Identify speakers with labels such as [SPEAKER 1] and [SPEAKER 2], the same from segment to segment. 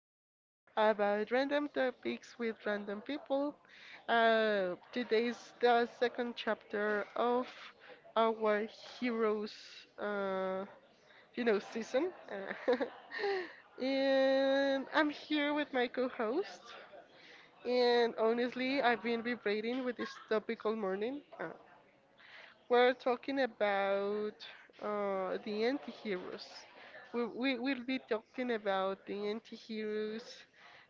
[SPEAKER 1] talk about random topics with random people. Today is the second chapter of our heroes, uh, season. And I'm here with my co-host. And honestly, I've been vibrating with this topic all morning. We're talking about the anti-heroes. We will be talking about the anti-heroes.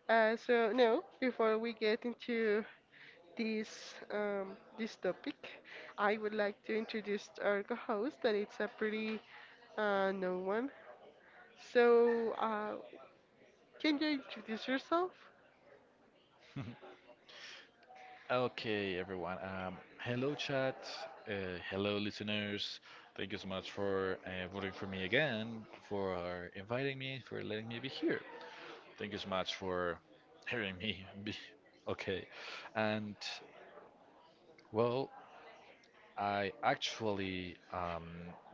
[SPEAKER 1] So now, before we get into this topic, I would like to introduce our co-host, that it's a pretty known one. So, can you introduce yourself?
[SPEAKER 2] Okay, everyone. Hello, chat. Hello, listeners. Thank you so much for voting for me again, for inviting me, for letting me be here. Thank you so much for hearing me. Be okay. And well, I actually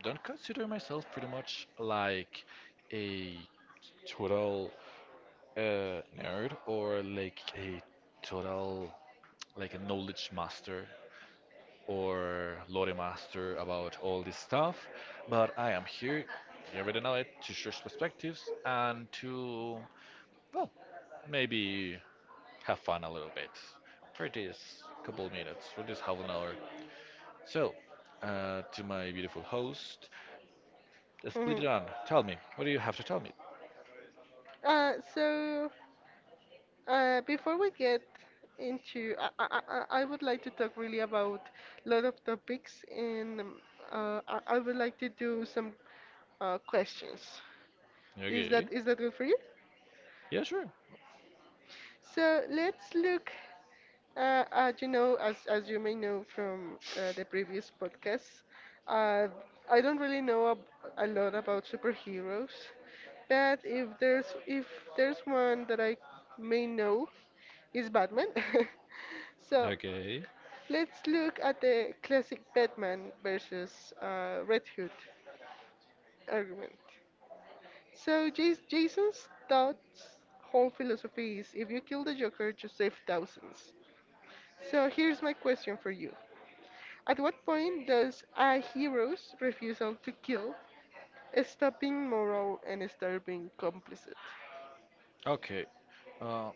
[SPEAKER 2] don't consider myself pretty much like a total nerd or like a total like a knowledge master or Lore Master about all this stuff. But I am here, you already know it, to share perspectives and to, well, maybe have fun a little bit for this couple of minutes, for this half an hour. So, to my beautiful host, let's split it
[SPEAKER 1] Mhm.
[SPEAKER 2] on. Tell me, what do you have to tell me?
[SPEAKER 1] Uh, so Before we get into, I would like to talk really about a lot of topics, and I would like to do some questions. Is
[SPEAKER 2] Okay.
[SPEAKER 1] that is that good for you?
[SPEAKER 2] Yeah, sure.
[SPEAKER 1] So let's look at, as you may know from the previous podcast, uh, I don't really know a lot about superheroes, but if there's one that I may know is Batman. So
[SPEAKER 2] Okay.
[SPEAKER 1] let's look at the classic Batman versus Red Hood argument. So Jason's thoughts whole philosophy is if you kill the Joker, you save thousands. So here's my question for you. At what point does a hero's refusal to kill stop being moral and start being complicit?
[SPEAKER 2] Okay. Uh,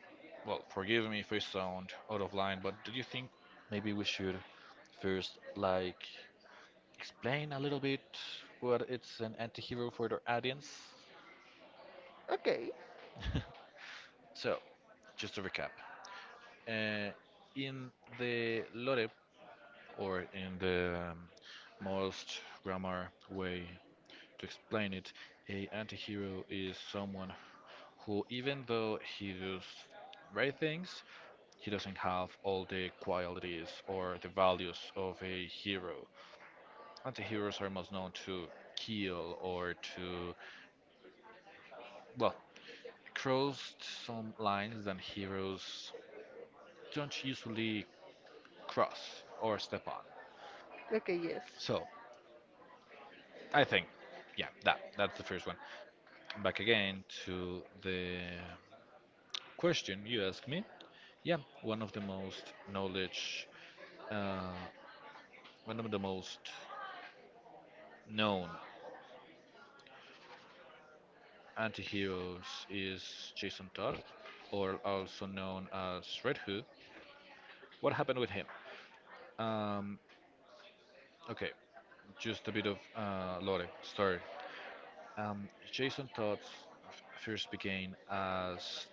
[SPEAKER 2] well, forgive me if I sound out of line, but do you think maybe we should first like explain a little bit what it's an antihero for the audience.
[SPEAKER 1] Okay.
[SPEAKER 2] So, just to recap, uh, in the lore or in the most grammar way to explain it, a antihero is someone who, even though he does great things, he doesn't have all the qualities or the values of a hero. Antiheroes are most known to kill or to, well, crossed some lines that heroes don't usually cross or step on.
[SPEAKER 1] Okay, yes.
[SPEAKER 2] So I think, yeah, that's the first one. Back again to the question you asked me. Yeah, one of the most knowledge, uh, one of the most known anti-heroes is Jason Todd, or also known as Red Hood. What happened with him? Um, okay, just a bit of lore story. Jason Todd first began as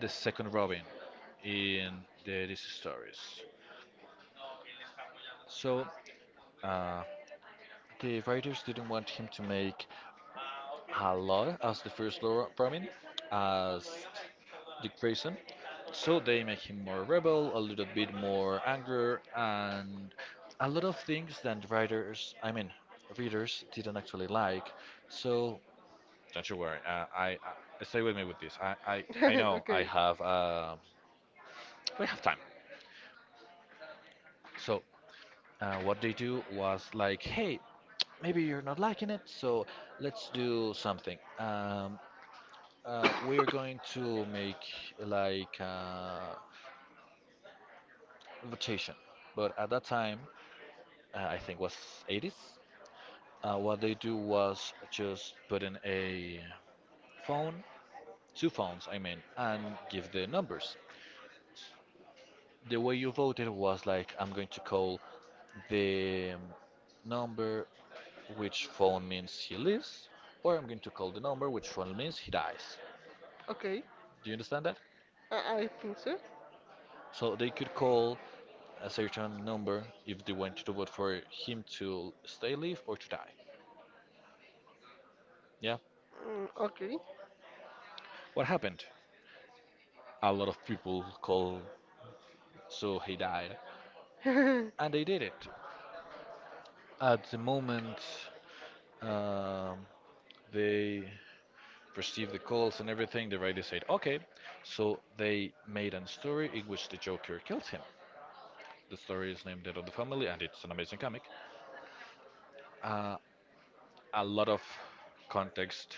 [SPEAKER 2] the second Robin in the DC stories. So uh, the writers didn't want him to make a lot as the first Robin, as Dick Grayson. So they make him more rebel, a little bit more anger, and a lot of things that writers, I mean, readers didn't actually like. So don't you worry. I stay with me with this. I know I
[SPEAKER 1] Okay.
[SPEAKER 2] have we have time. So what they do was like, hey, maybe you're not liking it, so let's do something. We're going to make like invitation, but at that time, I think was 80s. What they do was just put in a phone, two phones, I mean, and give the numbers. The way you voted was like, I'm going to call the number which phone means he lives, or I'm going to call the number which phone means he dies.
[SPEAKER 1] Okay.
[SPEAKER 2] Do you understand that?
[SPEAKER 1] I think so.
[SPEAKER 2] So they could call a certain number if they wanted to vote for him to stay live or to die. Yeah.
[SPEAKER 1] Mm, okay.
[SPEAKER 2] What happened? A lot of people call, so he died, and they did it. At the moment, um, they received the calls and everything. The writer said, "Okay." So they made a story in which the Joker kills him. The story is named Dead of the Family, and it's an amazing comic. Uh, a lot of context.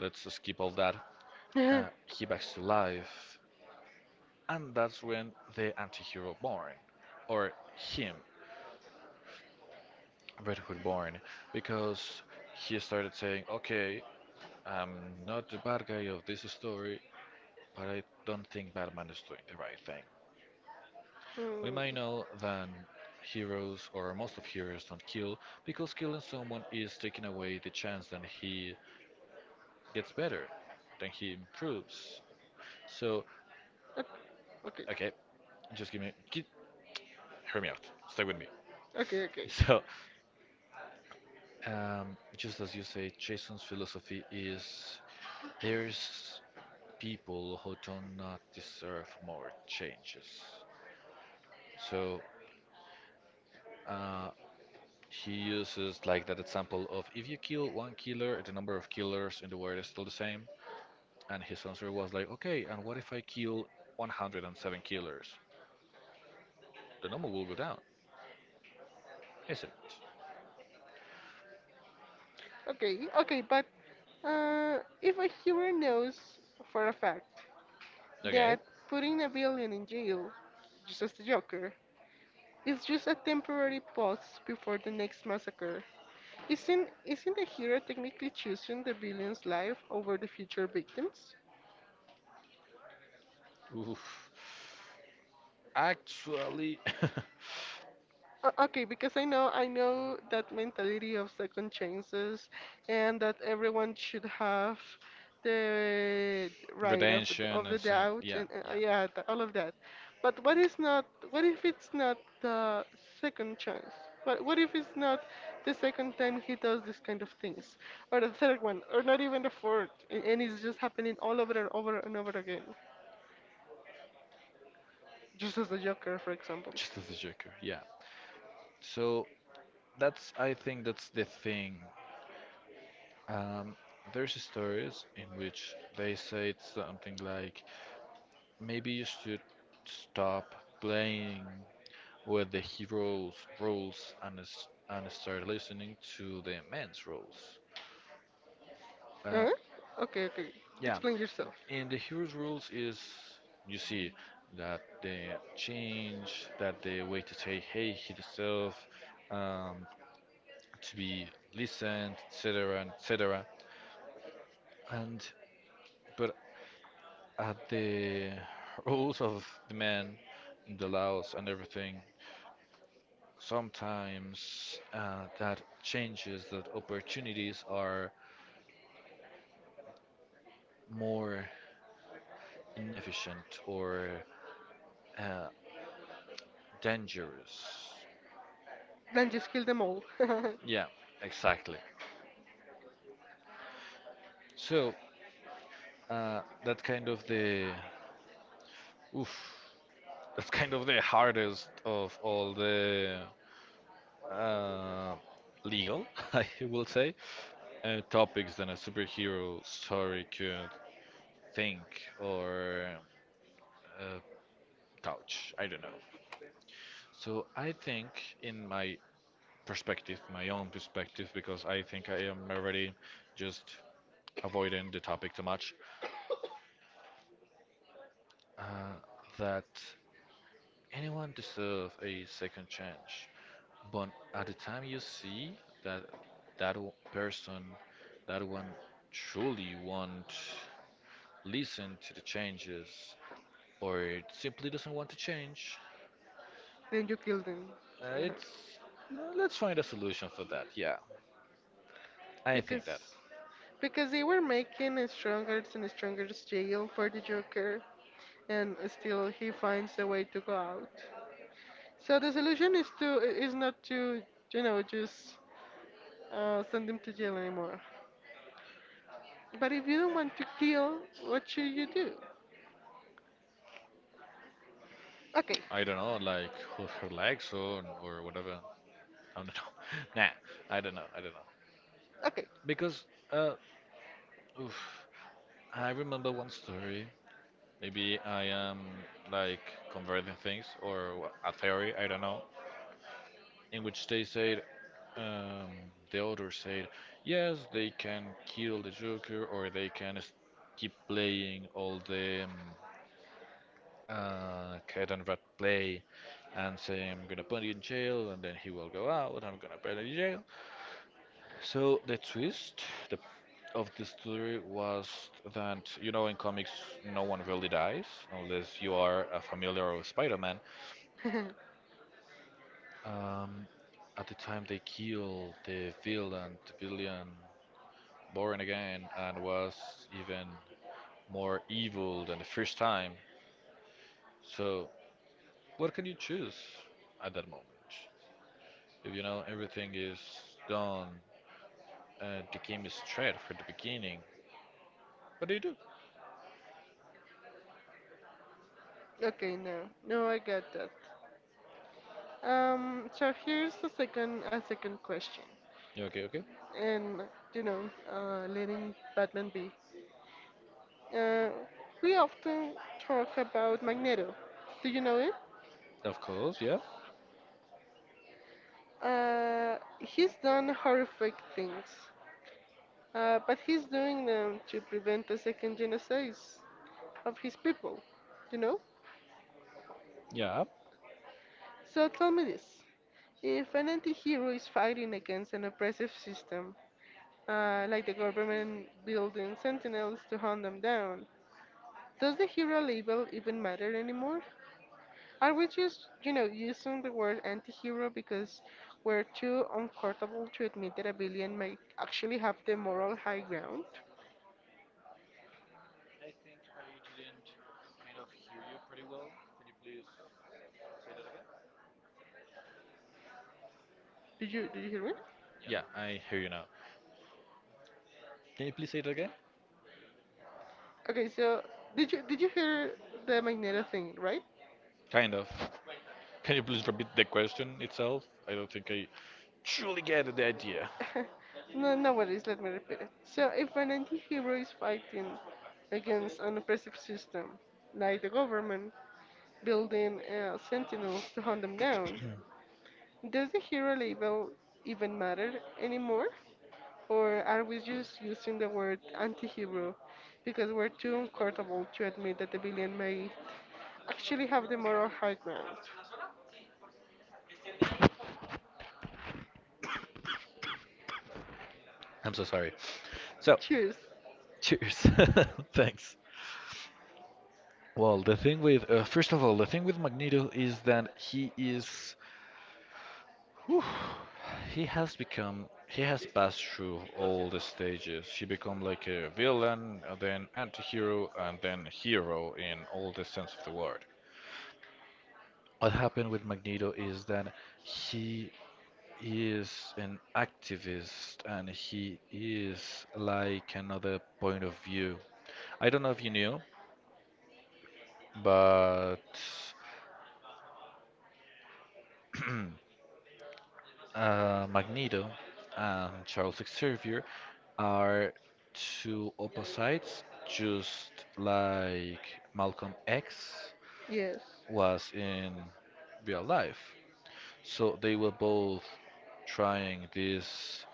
[SPEAKER 2] Let's skip all that. He backs to life, and that's when the anti-hero born, or him, Red Hood born, because he started saying, "Okay, I'm not the bad guy of this story, but I don't think Batman is doing the right thing." We
[SPEAKER 1] Mm,
[SPEAKER 2] may know that heroes or most of heroes don't kill because killing someone is taking away the chance that he gets better, then he improves. So,
[SPEAKER 1] okay,
[SPEAKER 2] okay,
[SPEAKER 1] okay,
[SPEAKER 2] just give me, hear me out. Stay with me.
[SPEAKER 1] okay, okay, so,
[SPEAKER 2] So, just as you say, Jason's philosophy is there's people who do not deserve more changes. So, uh, he uses like that example of if you kill one killer, the number of killers in the world is still the same. And his answer was like, okay, and what if I kill 107 killers? The number will go down, isn't it?
[SPEAKER 1] okay, okay, but if a hero knows for a fact
[SPEAKER 2] Okay.
[SPEAKER 1] that putting a villain in jail, just as the Joker, is just a temporary pause before the next massacre, isn't the hero technically choosing the villain's life over the future victims?
[SPEAKER 2] Oof. Actually,
[SPEAKER 1] Okay, because I know that mentality of second chances and that everyone should have the right of the-
[SPEAKER 2] redemption,
[SPEAKER 1] of the
[SPEAKER 2] and think.
[SPEAKER 1] doubt
[SPEAKER 2] Yeah,
[SPEAKER 1] and
[SPEAKER 2] yeah.
[SPEAKER 1] yeah, all of that. But what if it's not the second chance? What if it's not the second time he does this kind of things or the third one or not even the fourth and it's just happening all over and over and over again, just as the Joker, for example.
[SPEAKER 2] Just as a Joker, yeah. So that's, I think that's the thing. Um, there's stories in which they say something like, maybe you should stop playing with the hero's rules and and start listening to the man's rules. Uh,
[SPEAKER 1] Huh? Okay, okay.
[SPEAKER 2] yeah.
[SPEAKER 1] Explain yourself.
[SPEAKER 2] And the hero's rules is you see that they change, that the way to say hey, hit yourself, um, to be listened, etc., and etc. And but at the rules of the man, the laws and everything, sometimes that changes that opportunities are more inefficient or uh, dangerous.
[SPEAKER 1] Then just kill them all.
[SPEAKER 2] Yeah, exactly. So that's kind of the oof. That's kind of the hardest of all the uh, legal, I will say, topics that a superhero story could think or uh, touch. I don't know. So I think, in my perspective, my own perspective, because I think I am already just avoiding the topic too much, uh, that anyone deserves a second chance. But at the time you see that that person, that one truly won't listen to the changes or simply doesn't want to change,
[SPEAKER 1] Then you kill them. Uh-huh.
[SPEAKER 2] it's no, let's find a solution for that. Yeah, I think that.
[SPEAKER 1] Because because they were making a stronger and stronger jail for the Joker, and still he finds a way to go out. So the solution is not to just send him to jail anymore. But if you don't want to kill, what should you do? Okay,
[SPEAKER 2] I don't know, like her legs or whatever. I don't know. Nah, I don't know. I don't know.
[SPEAKER 1] okay,
[SPEAKER 2] Because uh, oof, I remember one story. Maybe I am like converting things or a theory. I don't know in which they said, um, the author said, yes, they can kill the Joker or they can keep playing all the cat and rat play and say, I'm gonna put you in jail and then he will go out, I'm gonna put you in jail. So the twist the, of the story was that, you know, in comics, no one really dies unless you are a familiar of Spider Man. Um, at the time they kill the villain boring again and was even more evil than the first time. So, what can you choose at that moment? If you know everything is done, the game is straight from the beginning. What do you do?
[SPEAKER 1] okay. No, no, I got that. So here's a second question.
[SPEAKER 2] Yeah. Okay, okay.
[SPEAKER 1] And letting Batman be. Uh, we often talk about Magneto. Do you know him?
[SPEAKER 2] Of course, yeah.
[SPEAKER 1] He's done horrific things, but he's doing them to prevent the second genocide of his people. You know.
[SPEAKER 2] Yeah.
[SPEAKER 1] So tell me this: if an anti-hero is fighting against an oppressive system, like the government building sentinels to hunt them down, does the hero label even matter anymore? I was just, using the word anti-hero because we're too uncomfortable to admit that a villain might actually have the moral high ground.
[SPEAKER 2] I think I didn't kind of hear you pretty well. Could you please say that again?
[SPEAKER 1] Did you hear me?
[SPEAKER 2] Yeah, I hear you now. Can you please say that again?
[SPEAKER 1] Okay, so did you hear the Magneto thing, right?
[SPEAKER 2] Kind of. Can you please repeat the question itself? I don't think I truly get the idea.
[SPEAKER 1] No, no worries. Let me repeat it. So if an anti-hero is fighting against an oppressive system, like the government, building sentinels to hunt them down, does the hero label even matter anymore? Or are we just using the word anti hero because we're too uncomfortable to admit that the villain may actually have the moral high ground?
[SPEAKER 2] I'm so sorry. So,
[SPEAKER 1] Cheers.
[SPEAKER 2] cheers. Thanks. Well, the thing with first of all, the thing with Magneto is that he is whew, he has become he has passed through all the stages. He become like a villain, then anti-hero, and then hero in all the sense of the word. What happened with Magneto is that he is an activist and he is like another point of view. I don't know if you knew, but Magneto and Charles Xavier are two opposites, just like Malcolm X
[SPEAKER 1] Yes.
[SPEAKER 2] was in real life. So they were both trying this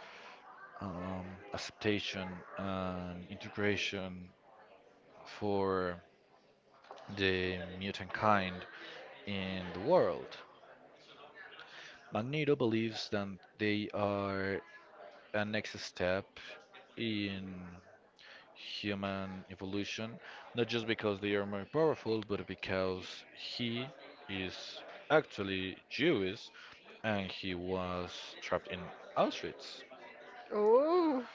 [SPEAKER 2] acceptation and integration for the mutant kind in the world. Magneto believes that they are a next step in human evolution, not just because they are more powerful, but because he is actually Jewish and he was trapped in Auschwitz.
[SPEAKER 1] Oh,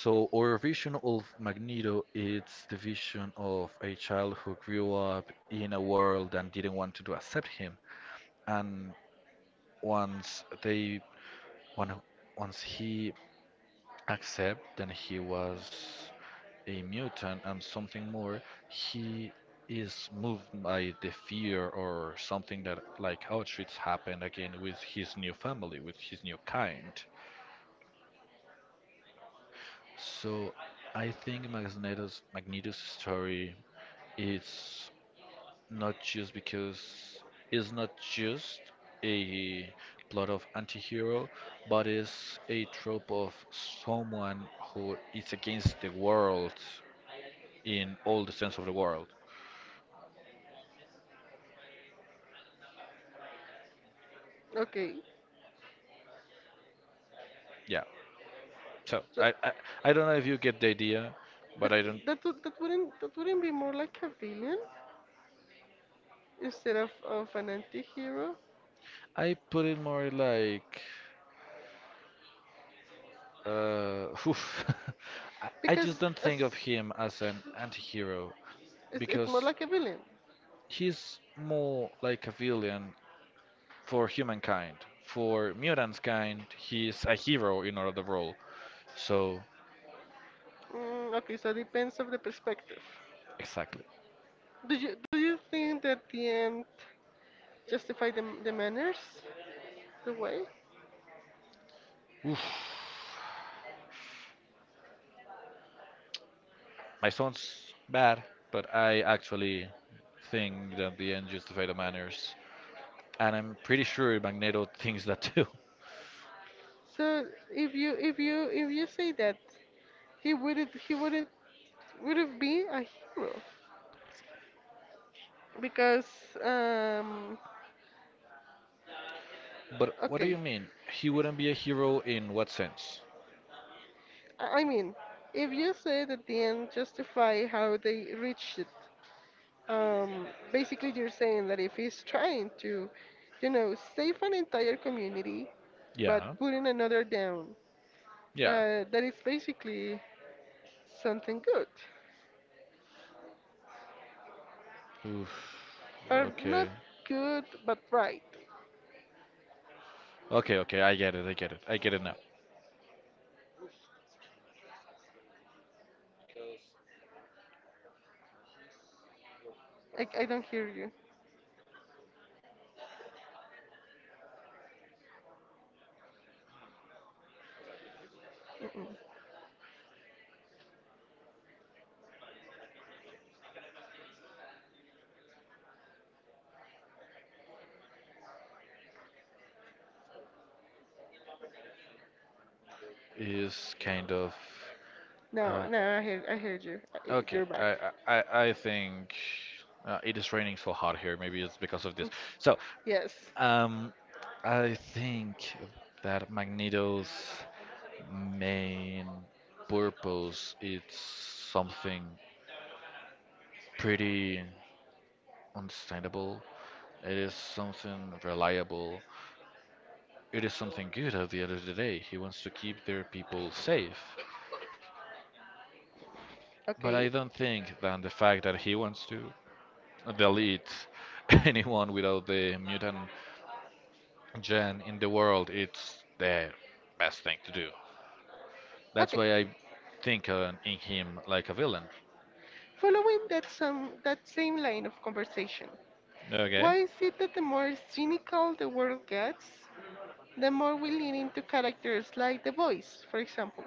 [SPEAKER 2] So our vision of Magneto is the vision of a child who grew up in a world and didn't want to accept him. And once they, one, once he accepted, then he was a mutant and something more, he is moved by the fear or something that like Auschwitz happened again with his new family, with his new kind. So I think Magneto's story is not just because is not just a plot of anti-hero, but is a trope of someone who is against the world in all the sense of the world.
[SPEAKER 1] okay.
[SPEAKER 2] Yeah. So
[SPEAKER 1] So,
[SPEAKER 2] I don't know if you get the idea, but
[SPEAKER 1] but
[SPEAKER 2] I don't.
[SPEAKER 1] that wouldn't be more like a villain instead of an anti-hero
[SPEAKER 2] I put it more like oof. I just
[SPEAKER 1] because
[SPEAKER 2] don't think of him as an anti-hero
[SPEAKER 1] it's more
[SPEAKER 2] because
[SPEAKER 1] like a villain.
[SPEAKER 2] he's more like a villain for humankind. For mutants kind, he's a hero in another role. So
[SPEAKER 1] Mm, okay, so it depends of the perspective.
[SPEAKER 2] exactly.
[SPEAKER 1] Do you think that the end justify the manners, the way?
[SPEAKER 2] Oof. My sound's bad, but I actually think that the end justified the manners. And I'm pretty sure Magneto thinks that too.
[SPEAKER 1] So if you if you if you say that he wouldn't be a hero because, um
[SPEAKER 2] But what do
[SPEAKER 1] okay,
[SPEAKER 2] you mean? He wouldn't be a hero in what sense?
[SPEAKER 1] I mean if you say that the end justify how they reached it, um basically you're saying that if he's trying to save an entire community but
[SPEAKER 2] Yeah,
[SPEAKER 1] putting another down,
[SPEAKER 2] yeah.
[SPEAKER 1] that is basically something good
[SPEAKER 2] Oof.
[SPEAKER 1] or not
[SPEAKER 2] Okay.
[SPEAKER 1] good, but right.
[SPEAKER 2] Okay, I get it, I get it now. Oof, that's again a matter of perspective, because he's kind of
[SPEAKER 1] I
[SPEAKER 2] wrong.
[SPEAKER 1] don't hear
[SPEAKER 2] I'm sorry, can you hear me?
[SPEAKER 1] you.
[SPEAKER 2] But the time still. So, I think Magneto is kind of. Uh,
[SPEAKER 1] No, no, I heard you.
[SPEAKER 2] Okay,
[SPEAKER 1] You're
[SPEAKER 2] I
[SPEAKER 1] back.
[SPEAKER 2] I, I I think it is raining so hard here. Maybe it's because of this. So,
[SPEAKER 1] Yes.
[SPEAKER 2] um, I think that Magneto's main purpose is something pretty understandable. It is something reliable. It is something good at the end of the day. He wants to keep their people safe. But I
[SPEAKER 1] Okay.
[SPEAKER 2] don't think that the fact that he wants to delete anyone without the mutant gen in the world, it's the best thing to do. That's
[SPEAKER 1] Okay.
[SPEAKER 2] why I think in him like a villain.
[SPEAKER 1] Following that same line of conversation, why
[SPEAKER 2] Okay.
[SPEAKER 1] is it that the more cynical the world gets, the more we lean into characters like The Voice, for example,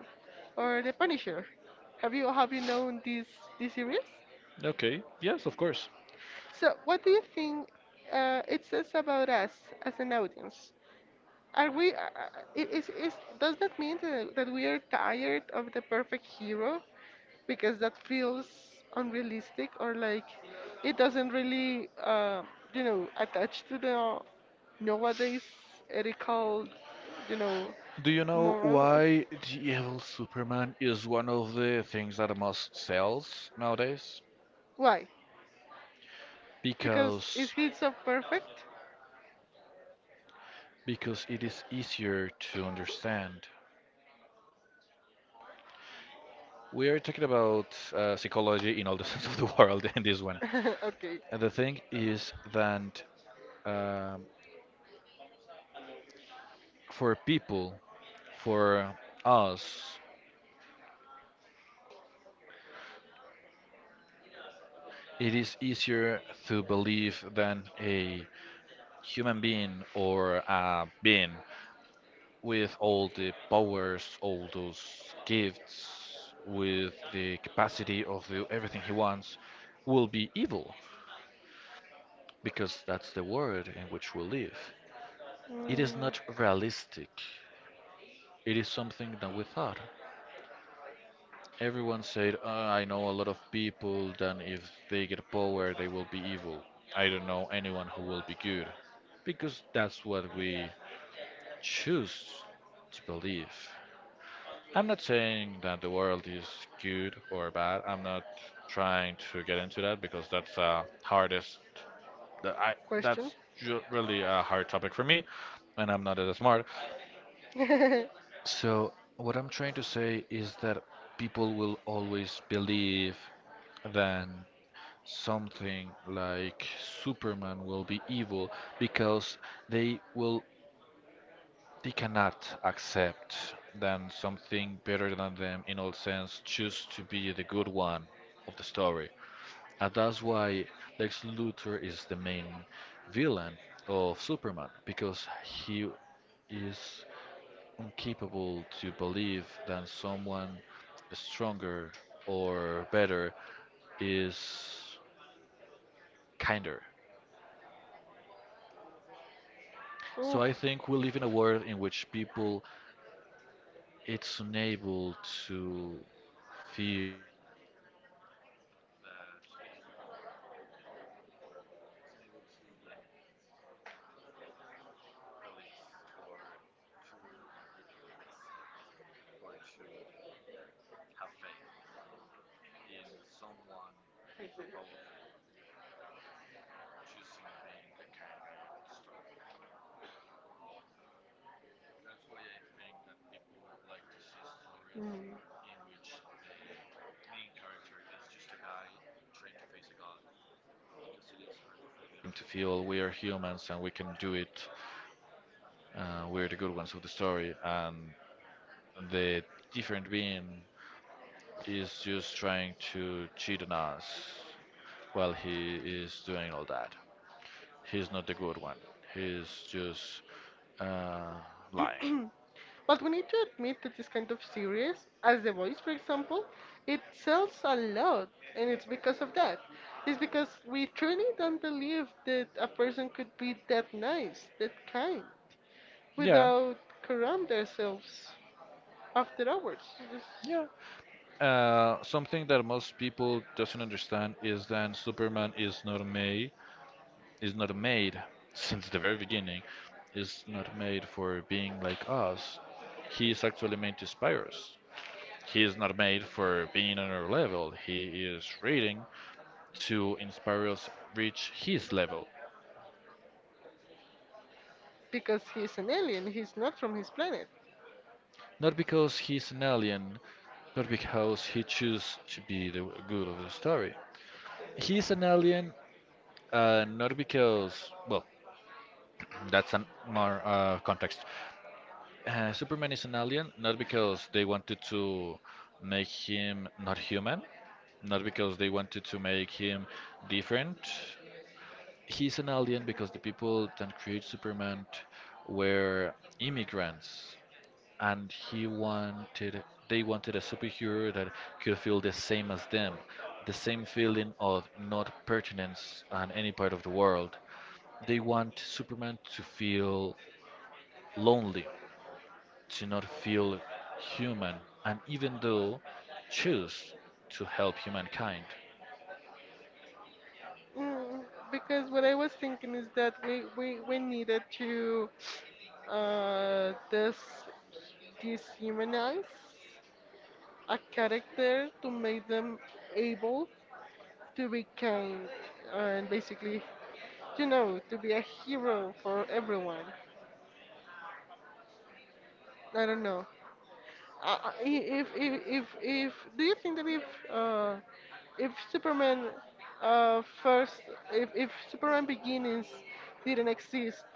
[SPEAKER 1] or The Punisher? Have you known this series?
[SPEAKER 2] Okay. Yes, of course.
[SPEAKER 1] So, what do you think it says about us as an audience? Are we? I- is Does that mean that, we are tired of the perfect hero? Because that feels unrealistic, or like it doesn't really, attach to the nowadays ethical, you know,
[SPEAKER 2] Do you know
[SPEAKER 1] moral.
[SPEAKER 2] why the evil Superman is one of the things that most sells nowadays?
[SPEAKER 1] Why? Because is
[SPEAKER 2] Because
[SPEAKER 1] he so perfect?
[SPEAKER 2] because it is easier to understand. We are talking about psychology in all the sense of the world in this one.
[SPEAKER 1] Okay.
[SPEAKER 2] And the thing is that um, for people, for us, it is easier to believe than a human being or a being with all the powers, all those gifts, with the capacity of do everything he wants, will be evil, because that's the world in which we live. It is
[SPEAKER 1] Mm.
[SPEAKER 2] not realistic. It is something that we thought. Everyone said, I know a lot of people that if they get power, they will be evil. I don't know anyone who will be good. Because that's what we choose to believe. I'm not saying that the world is good or bad. I'm not trying to get into that because that's hardest. That I
[SPEAKER 1] Question.
[SPEAKER 2] that's really a hard topic for me, and I'm not that smart. So what I'm trying to say is that people will always believe that something like Superman will be evil because they will they cannot accept than something better than them in all sense choose to be the good one of the story. And that's why Lex Luthor is the main villain of Superman because he is incapable to believe that someone stronger or better is kinder. So I think we live in a world in which people it's unable to feel that a it's unable to release or to accept or to have faith in someone hyper powerful choosing being the kind guy of the story. That's why I think that people like to see stories in which the main character is just a guy trying to face a god because it is harder for them to feel we are humans and we can do it. We're the good ones of the story, and the different being is just trying to cheat on us while he is doing all that. He's not the good one. He's just uh, lying.
[SPEAKER 1] But we need to admit that this kind of series, as The Voice, for example, it sells a lot, and it's because of that. It's because we truly don't believe that a person could be that nice, that kind,
[SPEAKER 2] Yeah.
[SPEAKER 1] without corrupt themselves after hours, just
[SPEAKER 2] Yeah. Something that most people doesn't understand is that Superman is not May. Is not made since the very beginning, is not made for being like us. He is actually made to inspire us. He is not made for being on our level. He is reading to inspire us reach his level.
[SPEAKER 1] because he's an alien, he's not from his planet.
[SPEAKER 2] Not because he's an alien, not because he chooses to be the good of the story. He's an alien, not because well, that's a more context. Superman is an alien, not because they wanted to make him not human, not because they wanted to make him different. He's an alien because the people that created Superman were immigrants, and he wanted they wanted a superhero that could feel the same as them, the same feeling of not pertinence on any part of the world. They want Superman to feel lonely to not feel human and even though choose to help humankind.
[SPEAKER 1] Mm, because what I was thinking is that we needed to this dehumanize a character to make them able to be kind and basically, to be a hero for everyone. I don't know. I- if Do you think that uh if Superman uh first if Superman Begins didn't exist,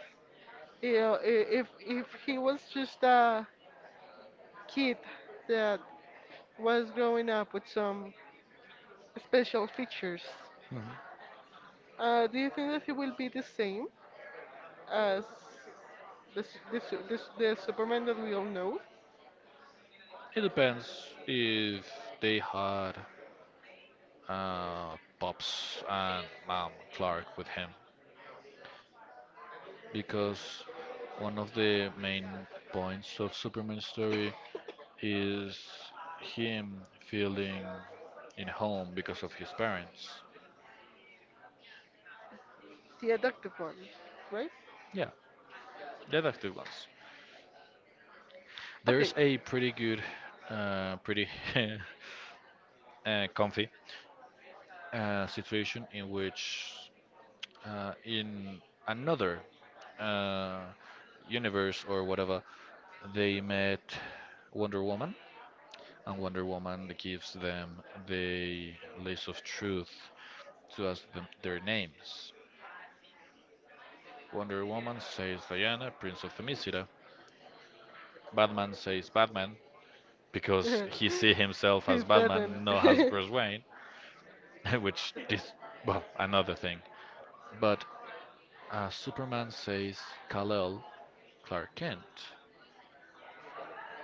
[SPEAKER 1] you know, I- if he was just a kid that was growing up with some special features?
[SPEAKER 2] Mhm.
[SPEAKER 1] Do you think that he will be the same as the, s- the, su- the, s- the Superman that we all know?
[SPEAKER 2] It depends if they had Pops and Mom Clark with him, because one of the main points of Superman's story is him feeling in home because of his parents.
[SPEAKER 1] The adopted one, right?
[SPEAKER 2] Yeah, they're the active ones. There's
[SPEAKER 1] Okay.
[SPEAKER 2] a pretty good, pretty comfy a situation in which in another uh, universe or whatever they met Wonder Woman and Wonder Woman gives them the list of truth to ask them their names. Wonder Woman says Diana, Prince of Themyscira. Batman says Batman because he see himself
[SPEAKER 1] He's
[SPEAKER 2] as
[SPEAKER 1] Batman.
[SPEAKER 2] Batman, not as Bruce Wayne, which is well another thing. But Superman says Kal-El, Clark Kent,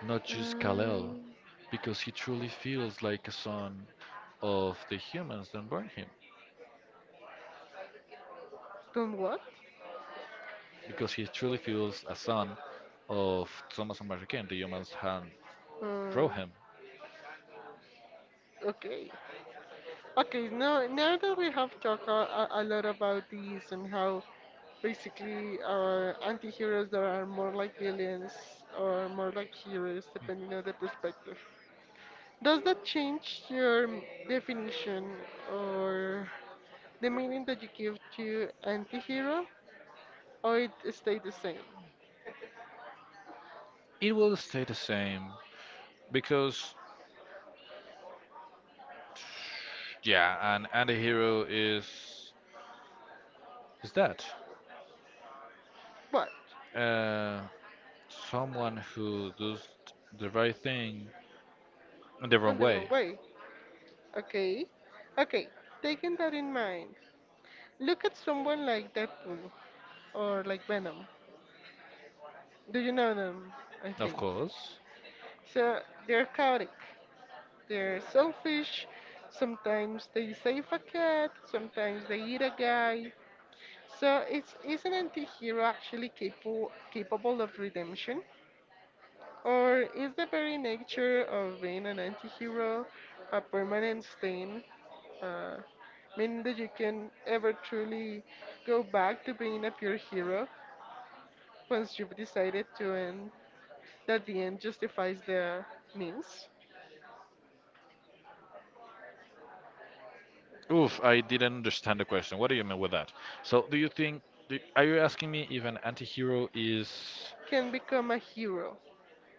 [SPEAKER 2] not just Kal-El,
[SPEAKER 1] Um,
[SPEAKER 2] because he truly feels like a son of the humans that born him,
[SPEAKER 1] Don't what?
[SPEAKER 2] because he truly feels a son of Thomas and Mary Kane, the humans hand
[SPEAKER 1] Uh,
[SPEAKER 2] draw him.
[SPEAKER 1] okay. Okay, now that we have talked a lot about these and how basically our anti-heroes that are more like villains or more like heroes depending on the perspective. Does that change your definition or the meaning that you give to anti-hero or it stay the same?
[SPEAKER 2] It will stay the same because yeah, and the hero is that
[SPEAKER 1] But
[SPEAKER 2] uh, someone who does the right thing in the wrong
[SPEAKER 1] on the
[SPEAKER 2] way,
[SPEAKER 1] wrong way. Okay. Okay. Taking that in mind, look at someone like Deadpool or like Venom. Do you know them? I
[SPEAKER 2] of
[SPEAKER 1] think.
[SPEAKER 2] course.
[SPEAKER 1] So they're chaotic. They're selfish. Sometimes they save a cat. Sometimes they eat a guy. So is an anti-hero actually capable of redemption? Or is the very nature of being an anti-hero a permanent stain? Uh, Meaning that you can ever truly go back to being a pure hero once you've decided to end that the end justifies the means?
[SPEAKER 2] Oof, I didn't understand the question. What do you mean with that? So, do you think, are you asking me if an anti-hero is
[SPEAKER 1] Can become a hero.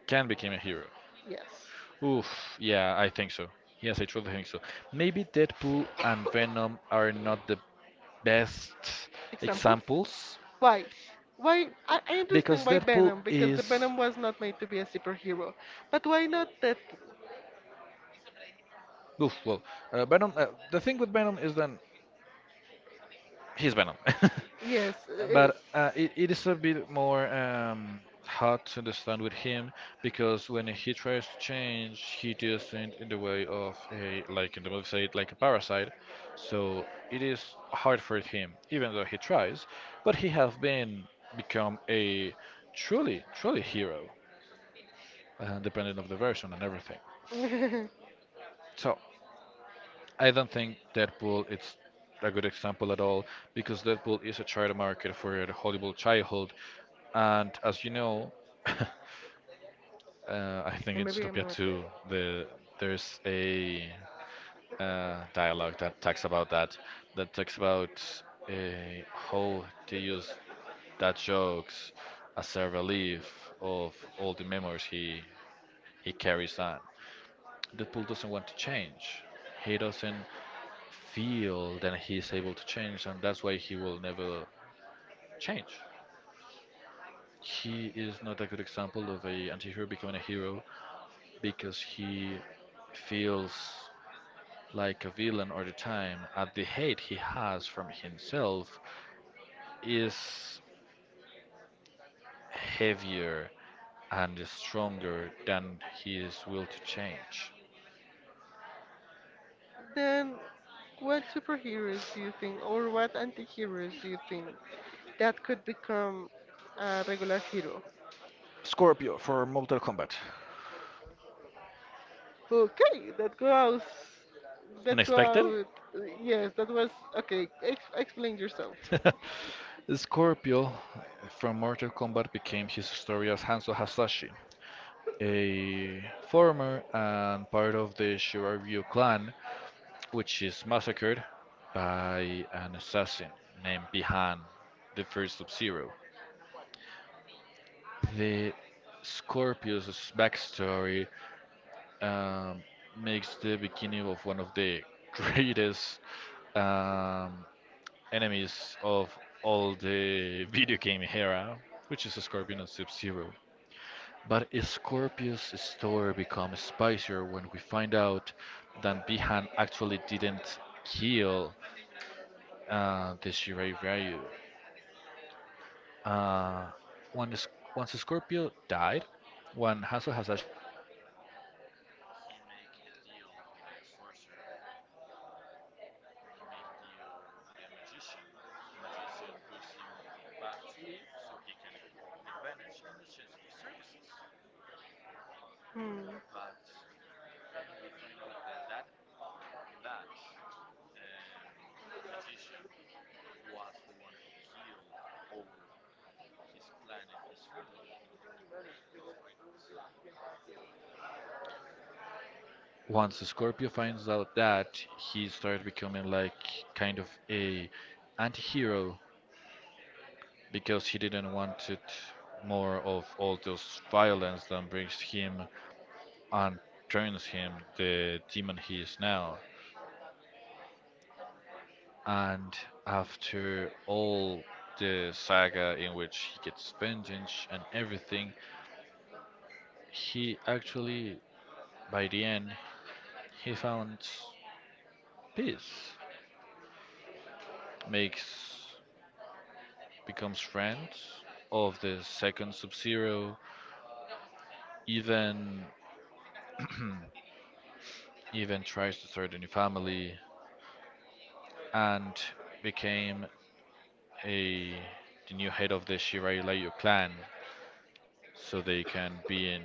[SPEAKER 2] can become a hero?
[SPEAKER 1] Yes.
[SPEAKER 2] Oof, yeah, I think so. Yes, I truly think so. Maybe Deadpool and Venom are not the best
[SPEAKER 1] Examples?
[SPEAKER 2] examples
[SPEAKER 1] Why? Why? I understand
[SPEAKER 2] because
[SPEAKER 1] why
[SPEAKER 2] Deadpool
[SPEAKER 1] Venom, because the
[SPEAKER 2] is
[SPEAKER 1] Venom was not made to be a superhero. But why not that?
[SPEAKER 2] oof, well, Venom. The thing with Venom is that he's Venom.
[SPEAKER 1] Yes,
[SPEAKER 2] Yes.
[SPEAKER 1] it
[SPEAKER 2] But
[SPEAKER 1] is.
[SPEAKER 2] it is a bit more hard to understand with him because when he tries to change, he does it in the way of a, like in the movie said, like a parasite. So it is hard for him, even though he tries. But he has been become a truly, truly hero, depending of the version and everything.
[SPEAKER 1] And
[SPEAKER 2] So I don't think Deadpool it's a good example at all because Deadpool is a child market for the Hollywood childhood. And as you know, I think in
[SPEAKER 1] maybe I'm
[SPEAKER 2] Zootopia
[SPEAKER 1] not.
[SPEAKER 2] 2, the there's a dialogue that talks about that, that talks about how they use that jokes as a relief of all the memories he carries on. Deadpool doesn't want to change. He doesn't feel that he's able to change, and that's why he will never change. He is not a good example of a anti-hero becoming a hero because he feels like a villain all the time and the hate he has from himself is heavier and stronger than his will to change.
[SPEAKER 1] Then, what superheroes do you think, or what anti-heroes do you think that could become a regular hero?
[SPEAKER 2] Scorpio for Mortal Kombat.
[SPEAKER 1] Okay, that goes. That
[SPEAKER 2] Unexpected?
[SPEAKER 1] goes. Yes, that was okay. Ex Explain yourself.
[SPEAKER 2] Scorpio from Mortal Kombat became his story as Hanzo Hasashi, a former and part of the Shiryu clan which is massacred by an assassin named Bihan, the first sub zero. The Scorpius' backstory um, makes the beginning of one of the greatest um, enemies of all the video game era, which is Scorpion and Sub Zero. But Scorpius' story becomes spicier when we find out that Bihan actually didn't kill the Shirai Ryu. Uh, when Sc- once Scorpio died, when Hanzo Hasashi died, he make a deal with a sorcerer. He made a deal with a magician. The magician brings him back to life so he can get advantage in exchange of his services.
[SPEAKER 1] Hmm.
[SPEAKER 2] But then we find out that that um, magician was the one who killed all his clan and his family, his wife and son. Once Scorpio finds out that, he starts becoming like kind of a anti-hero because he didn't want it more of all those violence that brings him and turns him the demon he is now. And after all the saga in which he gets vengeance and everything, he actually by the end he found peace. Makes becomes friends of the second Sub-Zero, even even tries to start a new family and became a the new head of the Shirai Layu clan so they can be in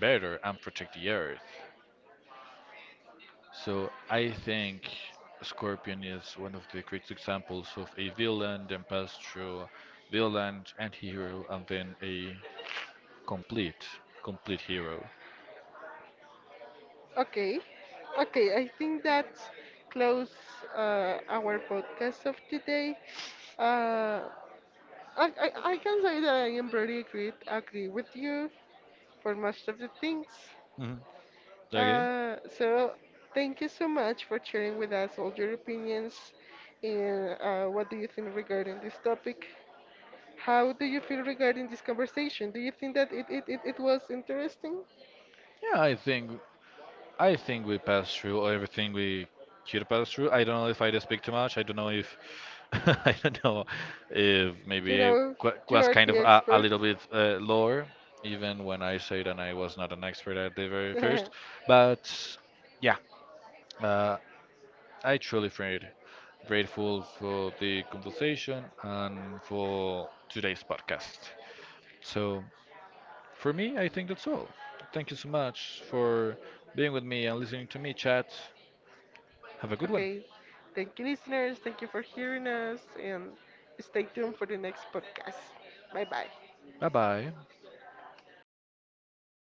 [SPEAKER 2] better and protect the earth. So I think Scorpion is one of the great examples of a villain, then passed through villain and hero, and then a complete, complete hero.
[SPEAKER 1] Okay, okay. I think that close our podcast of today. Uh, I can say that I am pretty agree with you for most of the things.
[SPEAKER 2] Hmm. Okay.
[SPEAKER 1] So thank you so much for sharing with us all your opinions and what do you think regarding this topic? How do you feel regarding this conversation? Do you think that it was interesting?
[SPEAKER 2] Yeah, I think we passed through everything we could pass through. I don't know if I did speak too much. I don't know if I don't know if
[SPEAKER 1] You
[SPEAKER 2] maybe
[SPEAKER 1] know, you
[SPEAKER 2] was
[SPEAKER 1] are
[SPEAKER 2] kind
[SPEAKER 1] the
[SPEAKER 2] of a
[SPEAKER 1] expert.
[SPEAKER 2] little bit lower, even when I say that I was not an expert at the very first. But yeah, uh, I truly feel grateful for the conversation and for today's podcast. So for me, I think that's all. Thank you so much for being with me and listening to me chat. Have a good one.
[SPEAKER 1] Okay. Thank you, listeners. Thank you for hearing us and stay tuned for the next podcast. Bye bye.
[SPEAKER 2] Bye bye.